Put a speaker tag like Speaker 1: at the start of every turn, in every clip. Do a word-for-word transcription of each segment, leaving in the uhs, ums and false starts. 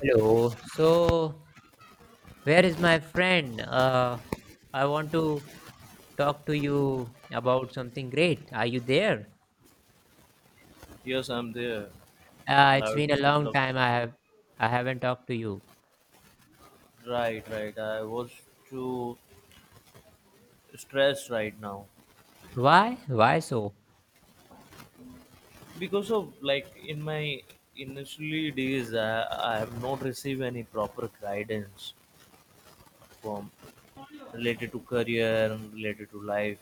Speaker 1: Hello. So, where is my friend? Uh, I want to talk to you about something great. Are you there?
Speaker 2: Yes, I'm there.
Speaker 1: Uh, it's
Speaker 2: Loud,
Speaker 1: been a long
Speaker 2: look,
Speaker 1: time. I have I haven't talked to you.
Speaker 2: right, right. I was too stressed right now
Speaker 1: Why? Why so?
Speaker 2: because of like in my initially days, I, I have not received any proper guidance from related to career and related to life.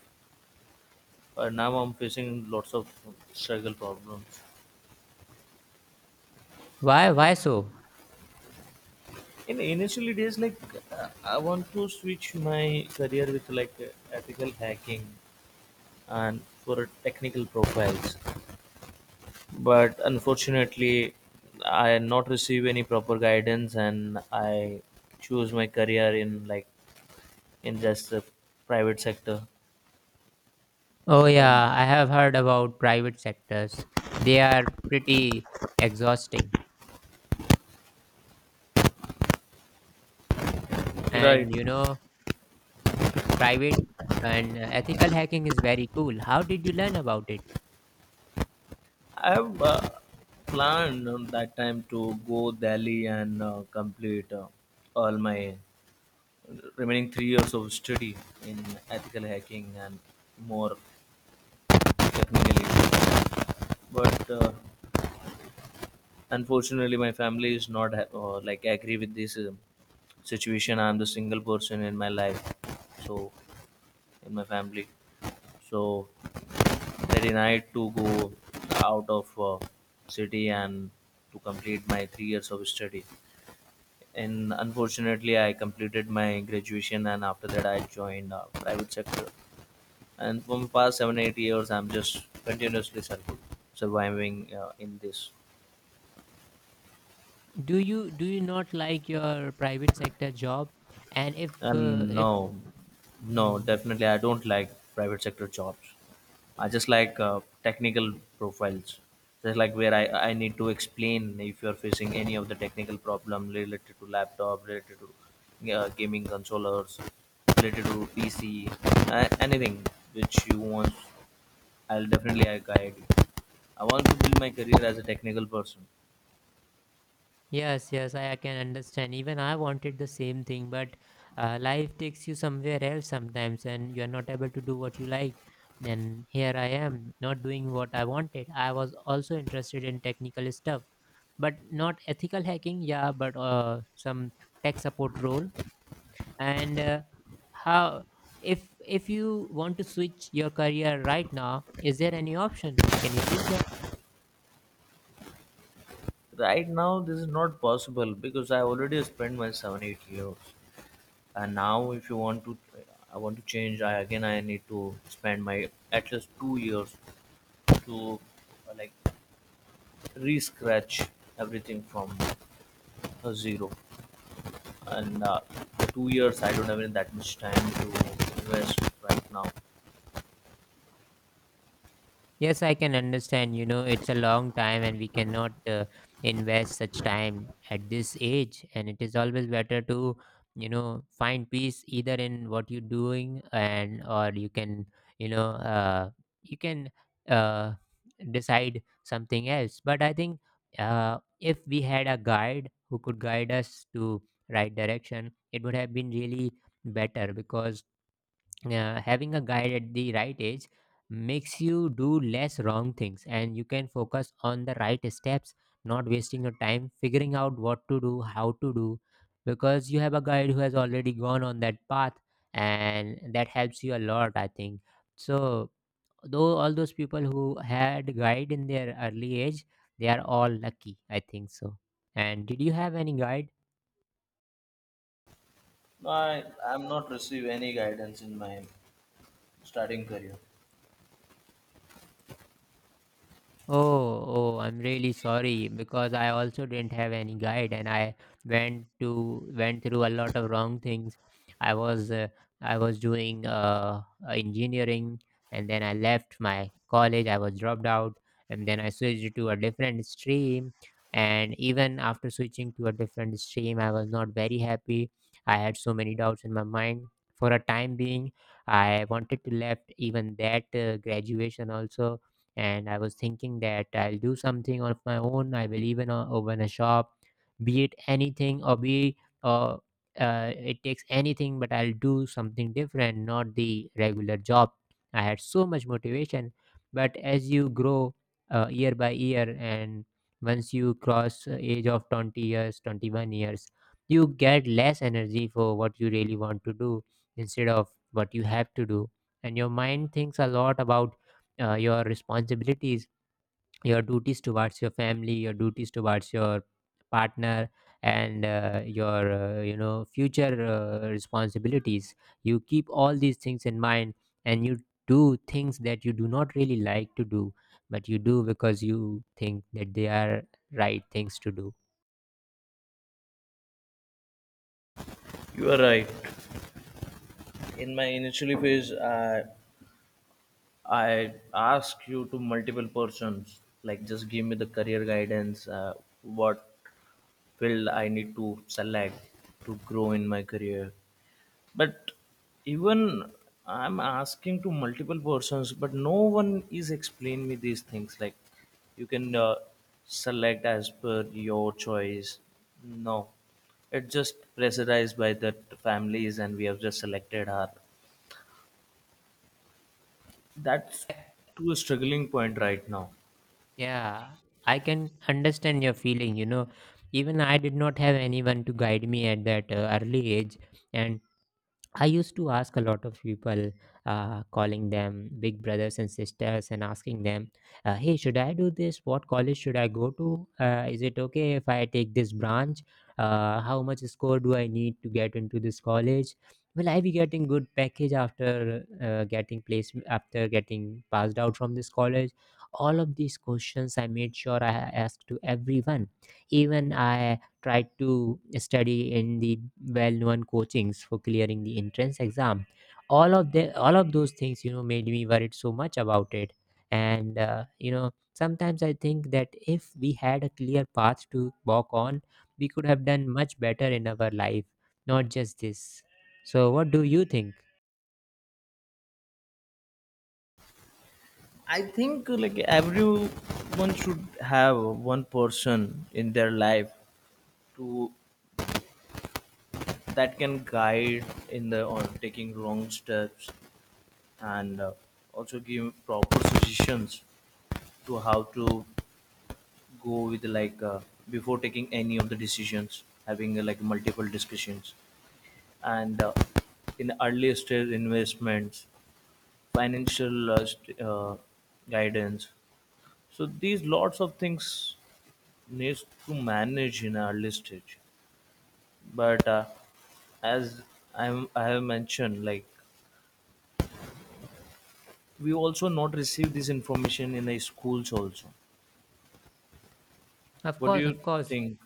Speaker 2: Uh, now I'm facing lots of struggle problems.
Speaker 1: Why? Why so?
Speaker 2: In initially days, like uh, I want to switch my career with like uh, ethical hacking and for technical profiles. But unfortunately I not receive any proper guidance and I choose my career in like in just the private sector.
Speaker 1: Oh
Speaker 2: Um,
Speaker 1: yeah, I have heard about private sectors. They are pretty exhausting,
Speaker 2: right
Speaker 1: and you know, private and uh, ethical hacking is very cool. How did you learn about it?
Speaker 2: I have uh, planned on that time to go delhi and uh, complete uh, all my remaining three years of study in ethical hacking and more technically. But uh, unfortunately my family is not ha- uh, like agree with this um, situation. I'm the single person in my life, so in my family, so they denied to go out of uh, city and to complete my three years of study. And unfortunately I completed my graduation and after that I joined uh, private sector, and for the past seven eight years I'm just continuously sur- surviving uh, in this.
Speaker 1: do you do you not like your private sector job, and if uh,
Speaker 2: And
Speaker 1: if
Speaker 2: no, no,
Speaker 1: Hmm.
Speaker 2: definitely, I don't like private sector jobs. I just like uh, technical profiles. Just like where I, I need to explain if you're facing any of the technical problem related to laptop, related to uh, gaming controllers, related to P C, uh, anything which you want, I'll definitely I guide you. I want to build my career as a technical person.
Speaker 1: Yes, yes, I, I can understand, even I wanted the same thing, but uh, life takes you somewhere else sometimes and you are not able to do what you like, and here I am not doing what I wanted. I was also interested in technical stuff, but not ethical hacking, yeah, but uh, some tech support role. And uh, how, if if you want to switch your career right now, is there any option? Can you switch that?
Speaker 2: Right now, this is not possible because I already spent my seven, eight years. And now if you want to I want to change I again I need to spend my at least two years to uh, like re-scratch everything from uh, zero, and uh, for two years I don't have any that much time to invest right now.
Speaker 1: Yes, I can understand. You know, it's a long time and we cannot uh, invest such time at this age. And it is always better to, you know, find peace either in what you're doing and, or you can, you know, uh, you can uh, decide something else. But I think, uh, if we had a guide who could guide us to right direction, it would have been really better, because uh, having a guide at the right age makes you do less wrong things and you can focus on the right steps, not wasting your time figuring out what to do, how to do, because you have a guide who has already gone on that path, and that helps you a lot, I think so. Though all those people who had guide in their early age, they are all lucky, I think so. And did you have any guide?
Speaker 2: I i'm not receive any guidance in my starting career.
Speaker 1: Oh, oh, I'm really sorry, because I also didn't have any guide and I went to went through a lot of wrong things. I was uh, I was doing uh, uh, engineering, and then I left my college. I was dropped out, and then I switched to a different stream. And even after switching to a different stream, I was not very happy. I had so many doubts in my mind. For a time being, I wanted to left even that uh, graduation also, and I was thinking that I'll do something of my own. I will even uh, open a shop, be it anything or be uh, uh, it takes anything, but I'll do something different, not the regular job. I had so much motivation, but as you grow uh, year by year, and once you cross uh, age of twenty years, twenty-one years, you get less energy for what you really want to do, instead of what you have to do, and your mind thinks a lot about uh, your responsibilities, your duties towards your family, your duties towards your partner, and uh, your uh, you know future uh, responsibilities. You keep all these things in mind, and you do things that you do not really like to do, but you do because you think that they are right things to do.
Speaker 2: You are right. In my initially phase i i ask you to multiple persons, like just give me the career guidance, uh, what field I need to select to grow in my career. But even I'm asking to multiple persons, but no one is explaining me these things. Like you can uh, select as per your choice. No, it's just pressurized by the families, and we have just selected her. That's to a
Speaker 1: Y-
Speaker 2: struggling point right now.
Speaker 1: yeah I can understand your feeling. You know even I did not have anyone to guide me at that uh, early age, and I used to ask a lot of people, uh, calling them big brothers and sisters, and asking them, uh, "Hey, should I do this? What college should I go to? Uh, is it okay if I take this branch? Uh, how much score do I need to get into this college? Will I be getting good package after uh, getting placed, after getting passed out from this college?" All of these questions, I made sure I asked to everyone. Even I tried to study in the well-known coachings for clearing the entrance exam. All of the all of those things, you know, made me worried so much about it. And uh, you know, sometimes I think that if we had a clear path to walk on, we could have done much better in our life, not just this. So, what do you think?
Speaker 2: I think uh, like everyone should have one person in their life to that can guide in the on taking wrong steps, and uh, also give proper suggestions to how to go with like uh, before taking any of the decisions having uh, like multiple discussions, and uh, in early stage investments, financial uh, st- uh, guidance. So these lots of things needs to manage in early stage. But uh, as I'm, I have mentioned, like we also not receive this information in the schools also.
Speaker 1: Of
Speaker 2: What do
Speaker 1: course,
Speaker 2: you
Speaker 1: of course.
Speaker 2: think?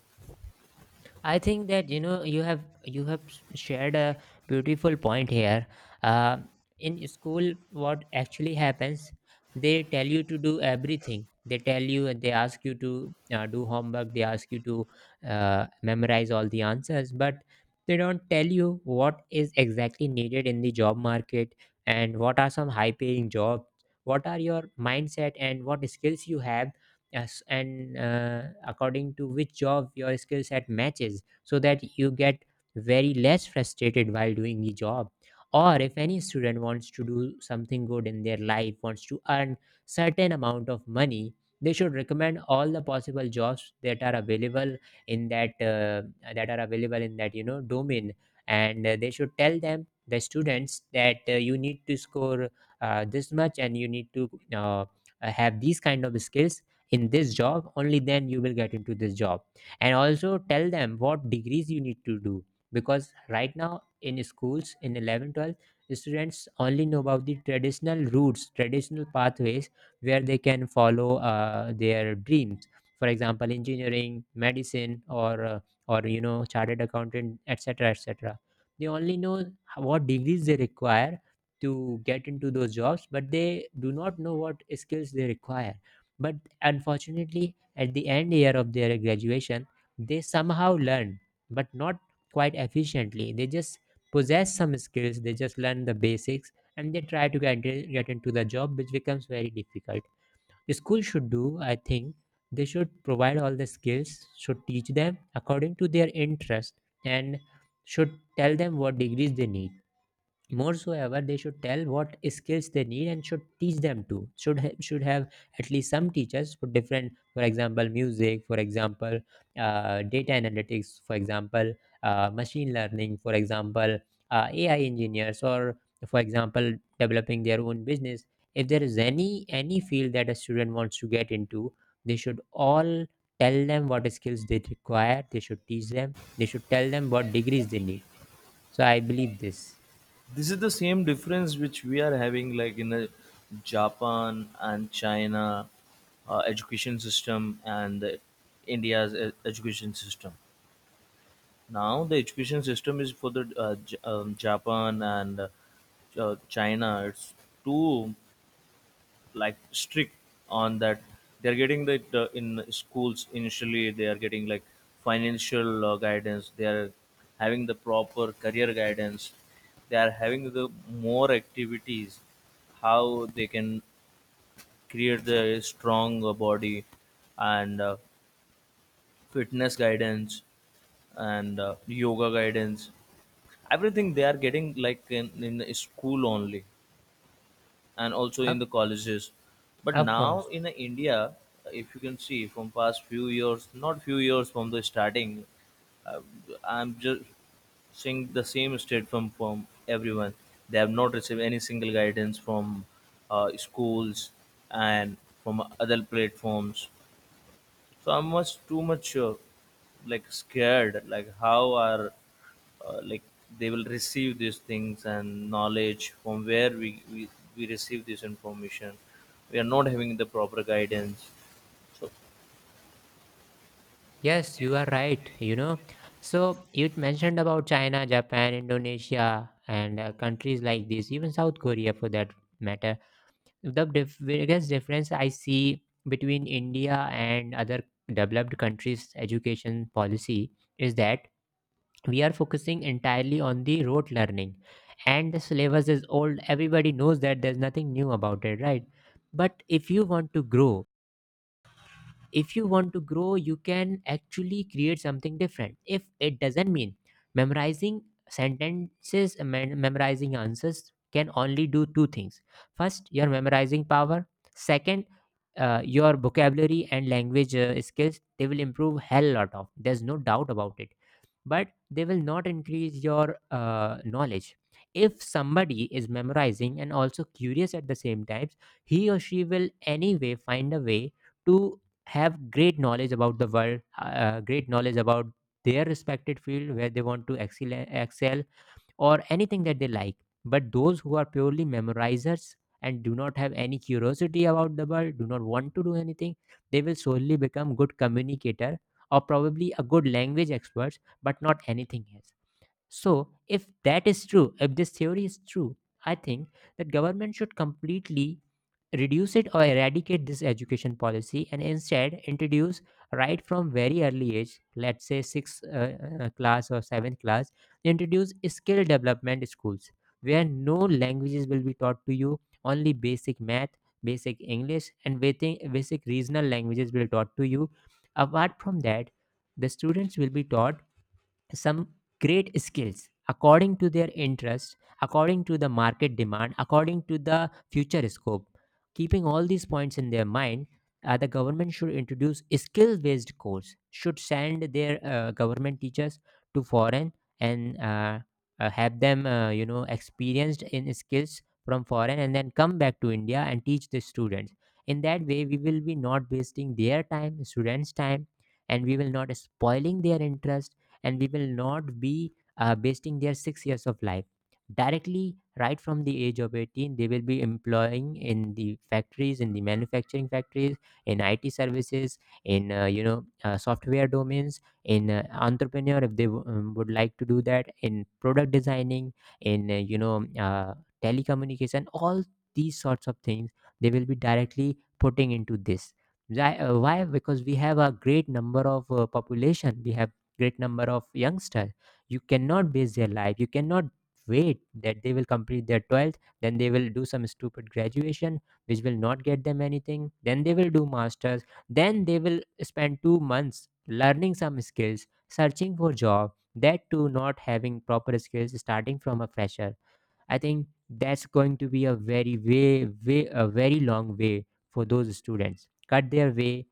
Speaker 1: I think that you know you have you have s- shared a beautiful point here. Uh, in school, what actually happens? They tell you to do everything. They tell you, and they ask you to uh, do homework. They ask you to uh, memorize all the answers, but they don't tell you what is exactly needed in the job market and what are some high-paying jobs. What are your mindset, and what skills you have, yes, and uh, according to which job your skill set matches, so that you get very less frustrated while doing the job. Or if any student wants to do something good in their life, wants to earn certain amount of money, they should recommend all the possible jobs that are available in that uh, that are available in that you know domain. And uh, they should tell them, the students, that uh, you need to score uh, this much, and you need to uh, uh, have these kind of skills in this job. Only then you will get into this job, and also tell them what degrees you need to do. Because right now in schools, in eleven twelve, students only know about the traditional routes, traditional pathways where they can follow uh, their dreams, for example, engineering, medicine, or uh, or you know chartered accountant, etc., etc. They only know h- what degrees they require to get into those jobs, but they do not know what skills they require. But unfortunately, at the end year of their graduation, they somehow learn, but not quite efficiently. They just possess some skills, they just learn the basics, and they try to get, get into the job, which becomes very difficult. The school should do, I think, they should provide all the skills, should teach them according to their interest, and should tell them what degrees they need. More so ever, they should tell what skills they need and should teach them to. Should ha- should have at least some teachers for different, for example, music, for example, uh, data analytics, for example, uh, machine learning, for example, uh, A I engineers, or for example, developing their own business. If there is any any field that a student wants to get into, they should all tell them what skills they require. They should teach them. They should tell them what degrees they need. So I believe this.
Speaker 2: This is the same difference which we are having like in the japan and china uh, education system, and uh, india's e- education system. Now the education system is for the uh, J- um, japan and uh, china, it's too like strict on that. They're getting that uh, in schools initially they are getting like financial uh, guidance. They are having the proper career guidance. They are having the more activities how they can create the strong uh, body and uh, fitness guidance and uh, yoga guidance. Everything they are getting like in, in the school only, and also in the
Speaker 1: Up.
Speaker 2: colleges. But
Speaker 1: Of
Speaker 2: now in
Speaker 1: course.
Speaker 2: india, if you can see from past few years, not few years from the starting, uh, I'm just seeing the same state from from everyone. They have not received any single guidance from uh, schools and from other platforms. So I'm much too much uh, like scared, like how are uh, like they will receive these things and knowledge from where we, we we receive this information. We are not having the proper guidance.
Speaker 1: Yes, you are right. You know, so you mentioned about China, Japan, Indonesia, and uh, countries like this, even South Korea for that matter. The dif- biggest difference I see between India and other developed countries' education policy is that we are focusing entirely on the rote learning, and the syllabus is old. Everybody knows that there's nothing new about it, right? But if you want to grow, if you want to grow you can actually create something different. If it doesn't mean memorizing sentences, mem- memorizing answers can only do two things. First, your memorizing power. Second, uh, your vocabulary and language uh, skills, they will improve hell lot of, there's no doubt about it, but they will not increase your uh, knowledge. If somebody is memorizing and also curious at the same times, he or she will anyway find a way to have great knowledge about the world, uh, great knowledge about their respected field where they want to excel, excel, or anything that they like. But those who are purely memorizers and do not have any curiosity about the world, do not want to do anything, they will solely become good communicator, or probably a good language experts, but not anything else. So, if that is true, if this theory is true, I think that government should completely reduce it or eradicate this education policy, and instead introduce, right from very early age, let's say sixth uh, uh, class or seventh class, introduce skill development schools where no languages will be taught to you, only basic math, basic English, and basic, basic regional languages will be taught to you. Apart from that, the students will be taught some great skills according to their interest, according to the market demand, according to the future scope. Keeping all these points in their mind, uh, the government should introduce skill-based course. Should send their uh, government teachers to foreign, and uh, uh, have them, uh, you know, experienced in skills from foreign, and then come back to India and teach the students. In that way, we will be not wasting their time, students' time, and we will not spoiling their interest, and we will not be uh, wasting their six years of life. Directly right from the age of eighteen, they will be employing in the factories, in the manufacturing factories, in it services, in uh, you know uh, software domains, in uh, entrepreneur if they w- um, would like to do that, in product designing, in uh, you know uh, telecommunication, all these sorts of things they will be directly putting into this. Why, uh, why? Because we have a great number of uh, population, we have great number of youngsters. You cannot base their life, you cannot wait that they will complete their twelfth, then they will do some stupid graduation which will not get them anything, then they will do masters, then they will spend two months learning some skills, searching for job, that too not having proper skills, starting from a fresher. I think that's going to be a very way, way, a very long way for those students. Cut their way,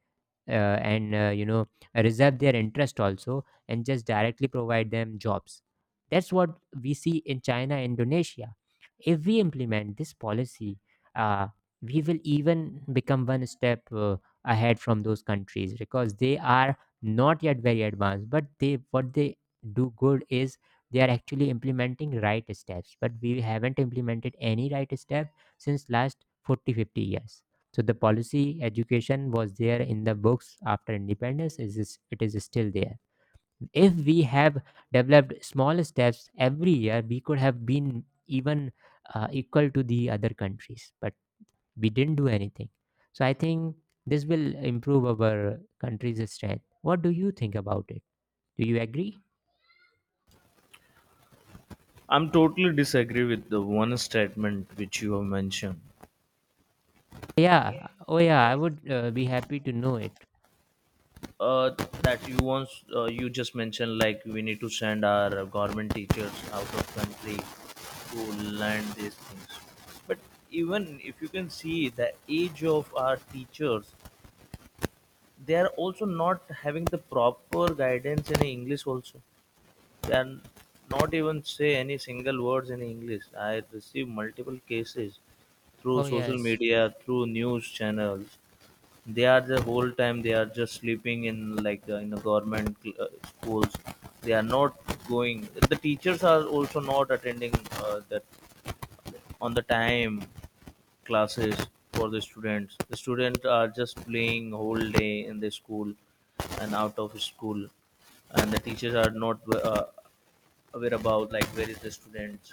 Speaker 1: uh, and uh, you know reserve their interest also and just directly provide them jobs. That's what we see in China and Indonesia. If we implement this policy, uh, we will even become one step uh, ahead from those countries, because they are not yet very advanced, but they, what they do good is they are actually implementing right steps, but we haven't implemented any right step since last forty fifty years. So the policy education was there in the books after independence. It is, it is still there. If we have developed small steps every year, we could have been even uh, equal to the other countries. But we didn't do anything. So I think this will improve our country's strength. What do you think about it? Do you agree?
Speaker 2: I'm totally disagree with the one statement which you have mentioned.
Speaker 1: Yeah. Oh, yeah. I would uh, be happy to know it.
Speaker 2: uh, that you once uh, you just mentioned like we need to send our government teachers out of country to learn these things. But even if you can see the age of our teachers, they are also not having the proper guidance in english also. Can not even say any single words in English. I receive multiple cases through
Speaker 1: Oh,
Speaker 2: social
Speaker 1: yes.
Speaker 2: media, through news channels. They are the whole time they are just sleeping in like uh, in the government uh, schools. They are not going. The teachers are also not attending uh, that on the time classes for the students. The students are just playing whole day in the school and out of school, and the teachers are not uh, aware about like where is the students.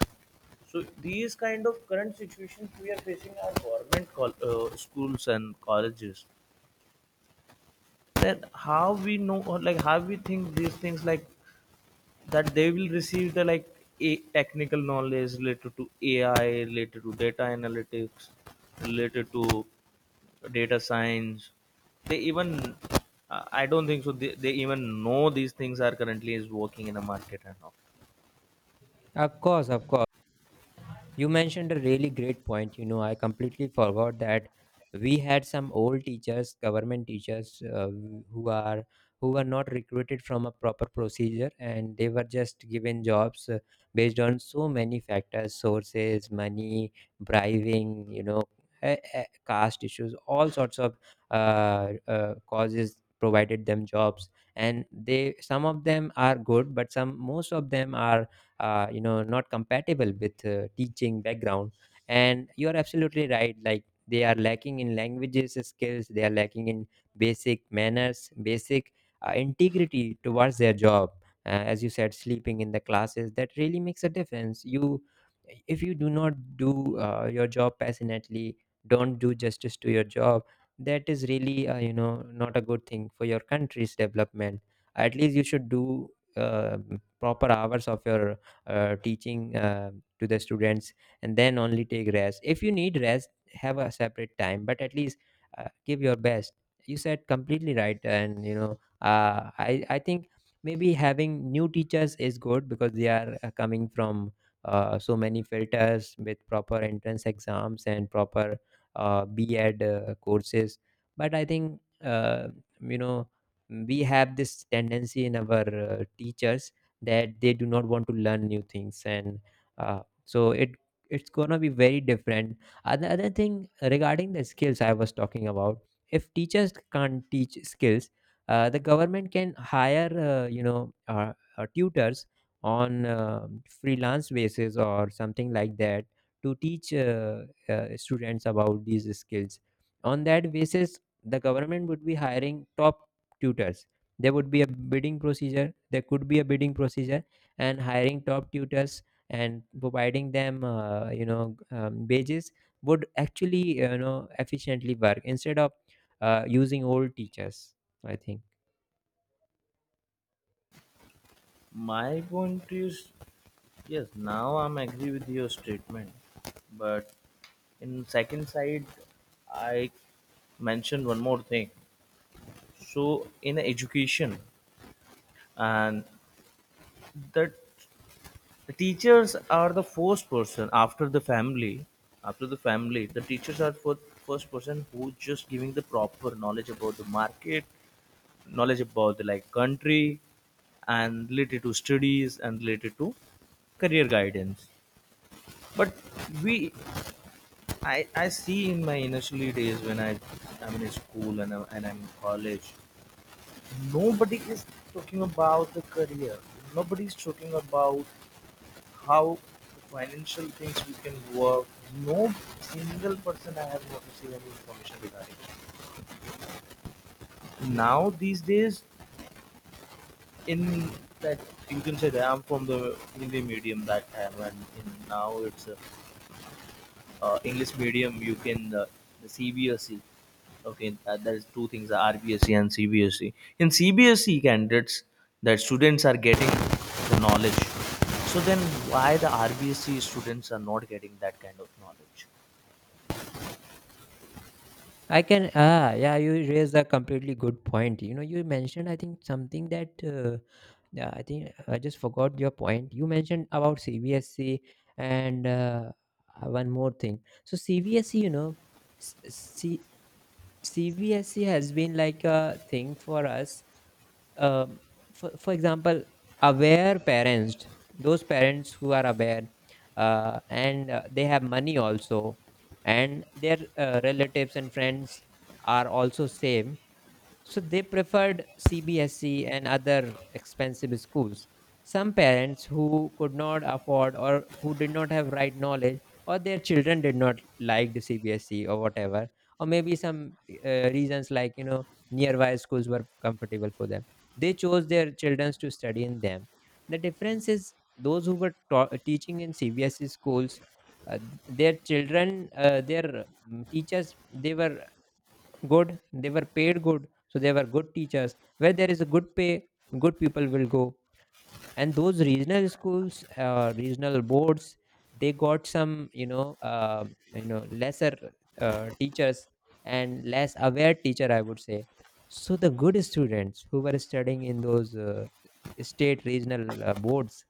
Speaker 2: So these kind of current situations we are facing are government col- uh, schools and colleges. Then how we know or like how we think these things like that they will receive the like a technical knowledge related to A I, related to data analytics, related to data science. They even uh, I don't think so. They, they even know these things are currently is working in the market and all.
Speaker 1: Of course, of course. You mentioned a really great point. You know, I completely forgot that we had some old teachers, government teachers, uh, who are, who were not recruited from a proper procedure, and they were just given jobs uh, based on so many factors: sources, money, bribing, you know, eh, eh, caste issues, all sorts of uh, uh, causes provided them jobs. And they, some of them are good, but some, most of them are uh, you know not compatible with uh, teaching background. And you are absolutely right, like they are lacking in languages skills, they are lacking in basic manners, basic uh, integrity towards their job. Uh, as you said, sleeping in the classes, that really makes a difference. You, if you do not do uh, your job passionately, don't do justice to your job, that is really uh, you know not a good thing for your country's development. At least you should do uh, proper hours of your uh, teaching uh, to the students, and then only take rest. If you need rest, have a separate time, but at least uh, give your best. You said completely right. And you know, uh, i i think maybe having new teachers is good, because they are uh, coming from uh, so many filters with proper entrance exams and proper uh, BEd uh, courses. But I think, uh, you know we have this tendency in our uh, teachers that they do not want to learn new things, and uh, so it, it's gonna be very different. Other, other thing regarding the skills I was talking about, if teachers can't teach skills, uh, the government can hire uh, you know uh, uh, tutors on uh, freelance basis or something like that, to teach uh, uh, students about these skills. On that basis, the government would be hiring top tutors. There would be a bidding procedure, there could be a bidding procedure, and hiring top tutors and providing them uh, you know um, wages would actually, you know, efficiently work instead of uh, using old teachers, I think.
Speaker 2: My point is yes. Now I'm agree with your statement, but in second side, I mentioned one more thing. So in education and that, the teachers are the first person after the family. After the family, the teachers are for first person who just giving the proper knowledge about the market, knowledge about the like country, and related to studies and related to career guidance. But we, I, I see in my initially days when I, I'm in school, and I'm, and I'm in college, nobody is talking about the career. Nobody is talking about how financial things we can work. No single person I have not received any information regarding. Now these days, in that, you can say that I'm from the Hindi medium that time, and in, now it's uh, uh, English medium. You can uh, the C B S E. Okay, that, that is two things: R B S E and C B S E. In C B S E candidates, that students are getting the knowledge. So then, why the R B S E students are not getting that kind of knowledge?
Speaker 1: I can, ah, yeah, you raised a completely good point. You know, you mentioned, I think something that, uh, yeah, I think I just forgot your point. You mentioned about CBSC and, uh, one more thing. So CBSC, you know, s- s- C CBSE has been like a thing for us. Um, for, for example, aware parents, those parents who are aware uh, and uh, they have money also, and their uh, relatives and friends are also same. So they preferred C B S E and other expensive schools. Some parents who could not afford or who did not have right knowledge, or their children did not like the C B S E or whatever, or maybe some uh, reasons like, you know, nearby schools were comfortable for them. They chose their children to study in them. The difference is those who were ta- teaching in C B S E schools, uh, th- their children, uh, their mm, teachers, they were good, they were paid good, so they were good teachers. Where there is a good pay, good people will go. And those regional schools, uh, regional boards, they got some, you know, uh, you know lesser uh, teachers and less aware teacher, I would say. So the good students who were studying in those uh, state regional uh, boards,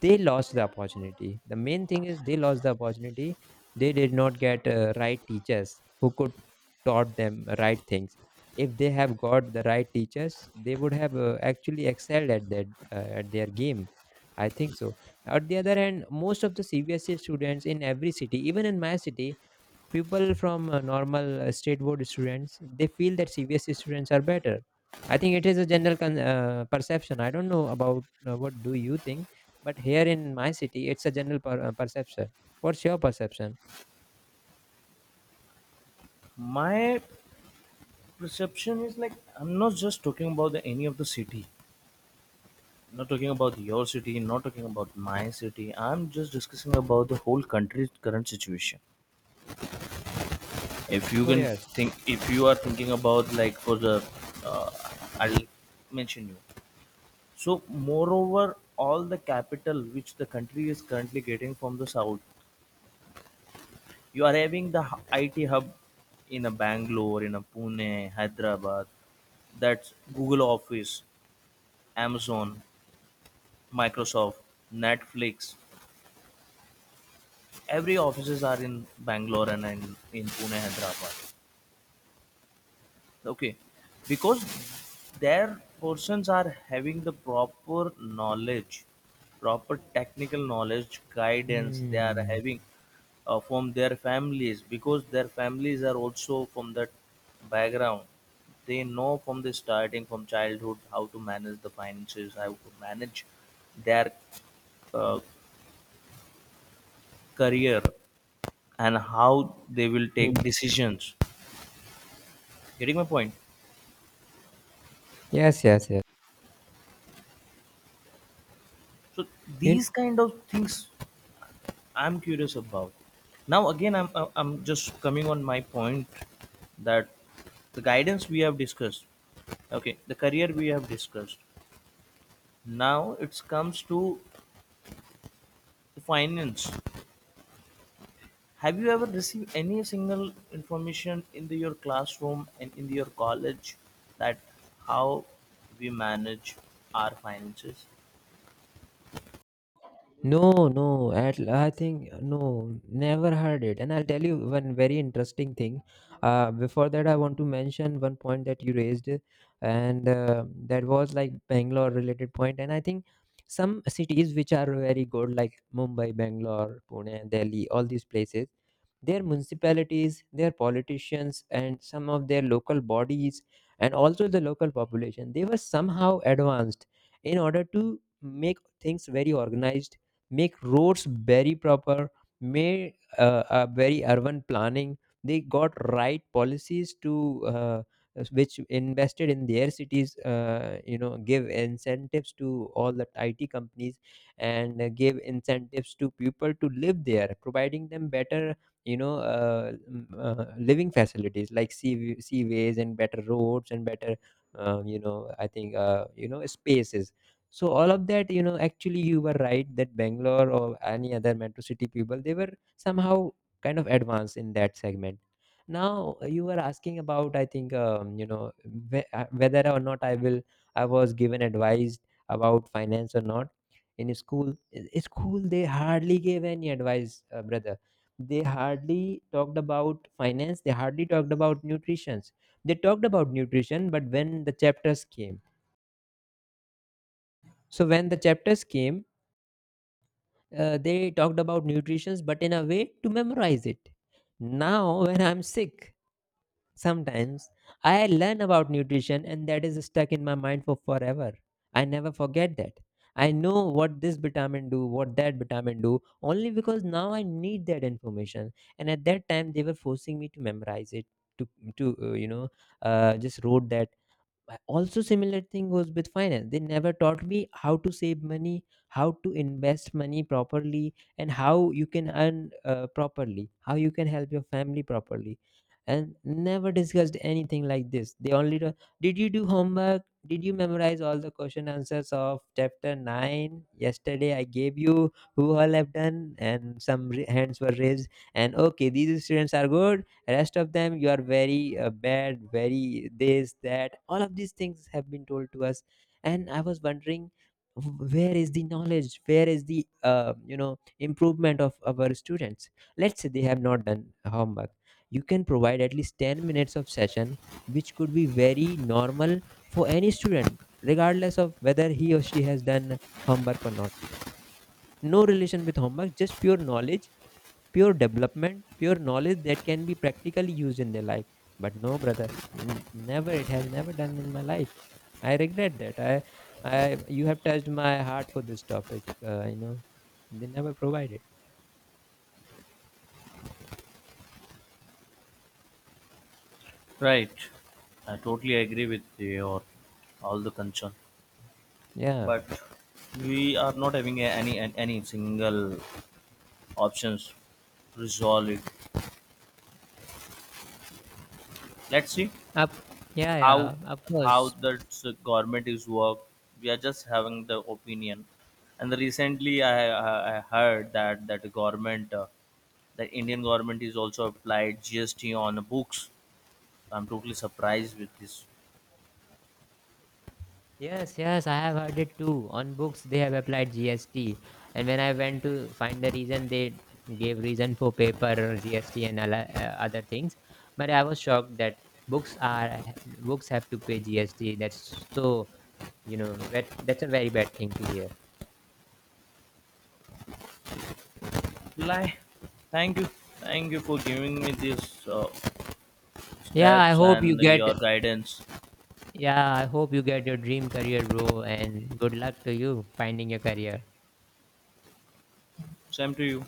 Speaker 1: they lost the opportunity. The main thing is they lost the opportunity. They did not get uh, right teachers who could taught them right things. If they have got the right teachers, they would have uh, actually excelled at their uh, at their game, I think so. At the other hand, most of the C B S E students in every city, even in my city, people from uh, normal uh, state board students, they feel that C B S E students are better. I think it is a general con- uh, perception. I don't know about, uh, what do you think? But here in my city it's a general per- uh, perception. What's your perception?
Speaker 2: My perception is like I'm not just talking about the, any of the city, not talking about your city, not talking about my city. I'm just discussing about the whole country's current situation. If you
Speaker 1: Oh
Speaker 2: can
Speaker 1: yes.
Speaker 2: think, if you are thinking about like for the uh, I'll mention you. So moreover all the capital which the country is currently getting from the south, you are having the hu- it hub in a bangalore, in a pune, hyderabad. That's google office, amazon, Microsoft, Netflix. Every offices are in Bangalore, and in, in Pune, Hyderabad. Okay, because their persons are having the proper knowledge, proper technical knowledge, guidance. They are
Speaker 1: Mm.
Speaker 2: having uh, from their families because their families are also from that background. They know from the starting from childhood how to manage the finances, how to manage their uh, career and how they will take
Speaker 1: Hmm.
Speaker 2: decisions. Getting my point?
Speaker 1: Yes, yes, yes.
Speaker 2: So
Speaker 1: You.
Speaker 2: these kind of things I'm curious about. Now again i'm i'm I'm just coming on my point that the guidance we have discussed, okay, the career we have discussed. Now it comes to the finance. Have you ever received any single information in the, your classroom and in your college that how we manage our finances?
Speaker 1: No, no, at, I think no, never heard it. And I'll tell you one very interesting thing. Uh, before that, I want to mention one point that you raised, and uh, that was like Bangalore related point. And I think some cities which are very good, like Mumbai, Bangalore, Pune, Delhi, all these places, their municipalities, their politicians, and some of their local bodies, and also the local population. They were somehow advanced in order to make things very organized, make roads very proper, made uh, a very urban planning. They got right policies to uh, which invested in their cities. Uh, you know, give incentives to all the I T companies and uh, give incentives to people to live there, providing them better, you know, uh, m- uh, living facilities like sea seaways and better roads and better um, you know I think uh, you know spaces. So all of that, you know, actually you were right, that Bangalore or any other metro city people, they were somehow kind of advanced in that segment. Now uh, you were asking about, I think, um, you know whe- uh, whether or not I will, I was given advice about finance or not. In school, in in school, they hardly gave any advice, uh, brother. They hardly talked about finance, they hardly talked about nutrition. They talked about nutrition, but when the chapters came, so when the chapters came, uh, they talked about nutrition, but in a way to memorize it. Now when I'm sick, sometimes I learn about nutrition, and that is stuck in my mind for forever. I never forget that. I know what this vitamin do, what that vitamin do, only because now I need that information. And at that time, they were forcing me to memorize it, to to uh, you know, uh, just wrote that. I- also similar thing goes with finance. They never taught me how to save money, how to invest money properly, and how you can earn uh, properly, how you can help your family properly, and never discussed anything like this. They only do, did you do homework? Did you memorize all the question answers of chapter nine yesterday I gave you? Who all have done? And some ra- hands were raised, and okay, these students are good, rest of them you are very uh, bad, very this, that, all of these things have been told to us. And I was wondering, w- where is the knowledge, where is the uh, you know improvement of our students? Let's say they have not done homework. You can provide at least ten minutes of session, which could be very normal for any student regardless of whether he or she has done homework or not. No relation with homework, just pure knowledge, pure development, pure knowledge that can be practically used in their life. But no, brother, n- never. It has never done in my life. I regret that. I, I, you have touched my heart for this topic. Uh, you know, they never provided.
Speaker 2: Right. I totally agree with your all the concern,
Speaker 1: Yeah.
Speaker 2: but we are not having a- any an- any single options to resolve it. Let's see
Speaker 1: Up, yeah,
Speaker 2: how
Speaker 1: yeah, of
Speaker 2: how
Speaker 1: course.
Speaker 2: the s- government is work. We are just having the opinion, and recently I, I, I heard that that the government uh, the Indian government is also applied G S T on books. I'm totally surprised with this.
Speaker 1: Yes, yes, I have heard it too. On books, they have applied G S T, and when I went to find the reason, they gave reason for paper or G S T and ala- uh, other things. But I was shocked that books are books have to pay G S T. That's so, you know, that that's a very bad thing to hear.
Speaker 2: Lie. Thank you, thank you for giving me this. Uh,
Speaker 1: Yeah, I
Speaker 2: steps
Speaker 1: hope you
Speaker 2: and your
Speaker 1: get.
Speaker 2: guidance.
Speaker 1: Yeah, I hope you get your dream career, bro, and good luck to you finding your career.
Speaker 2: Same to you.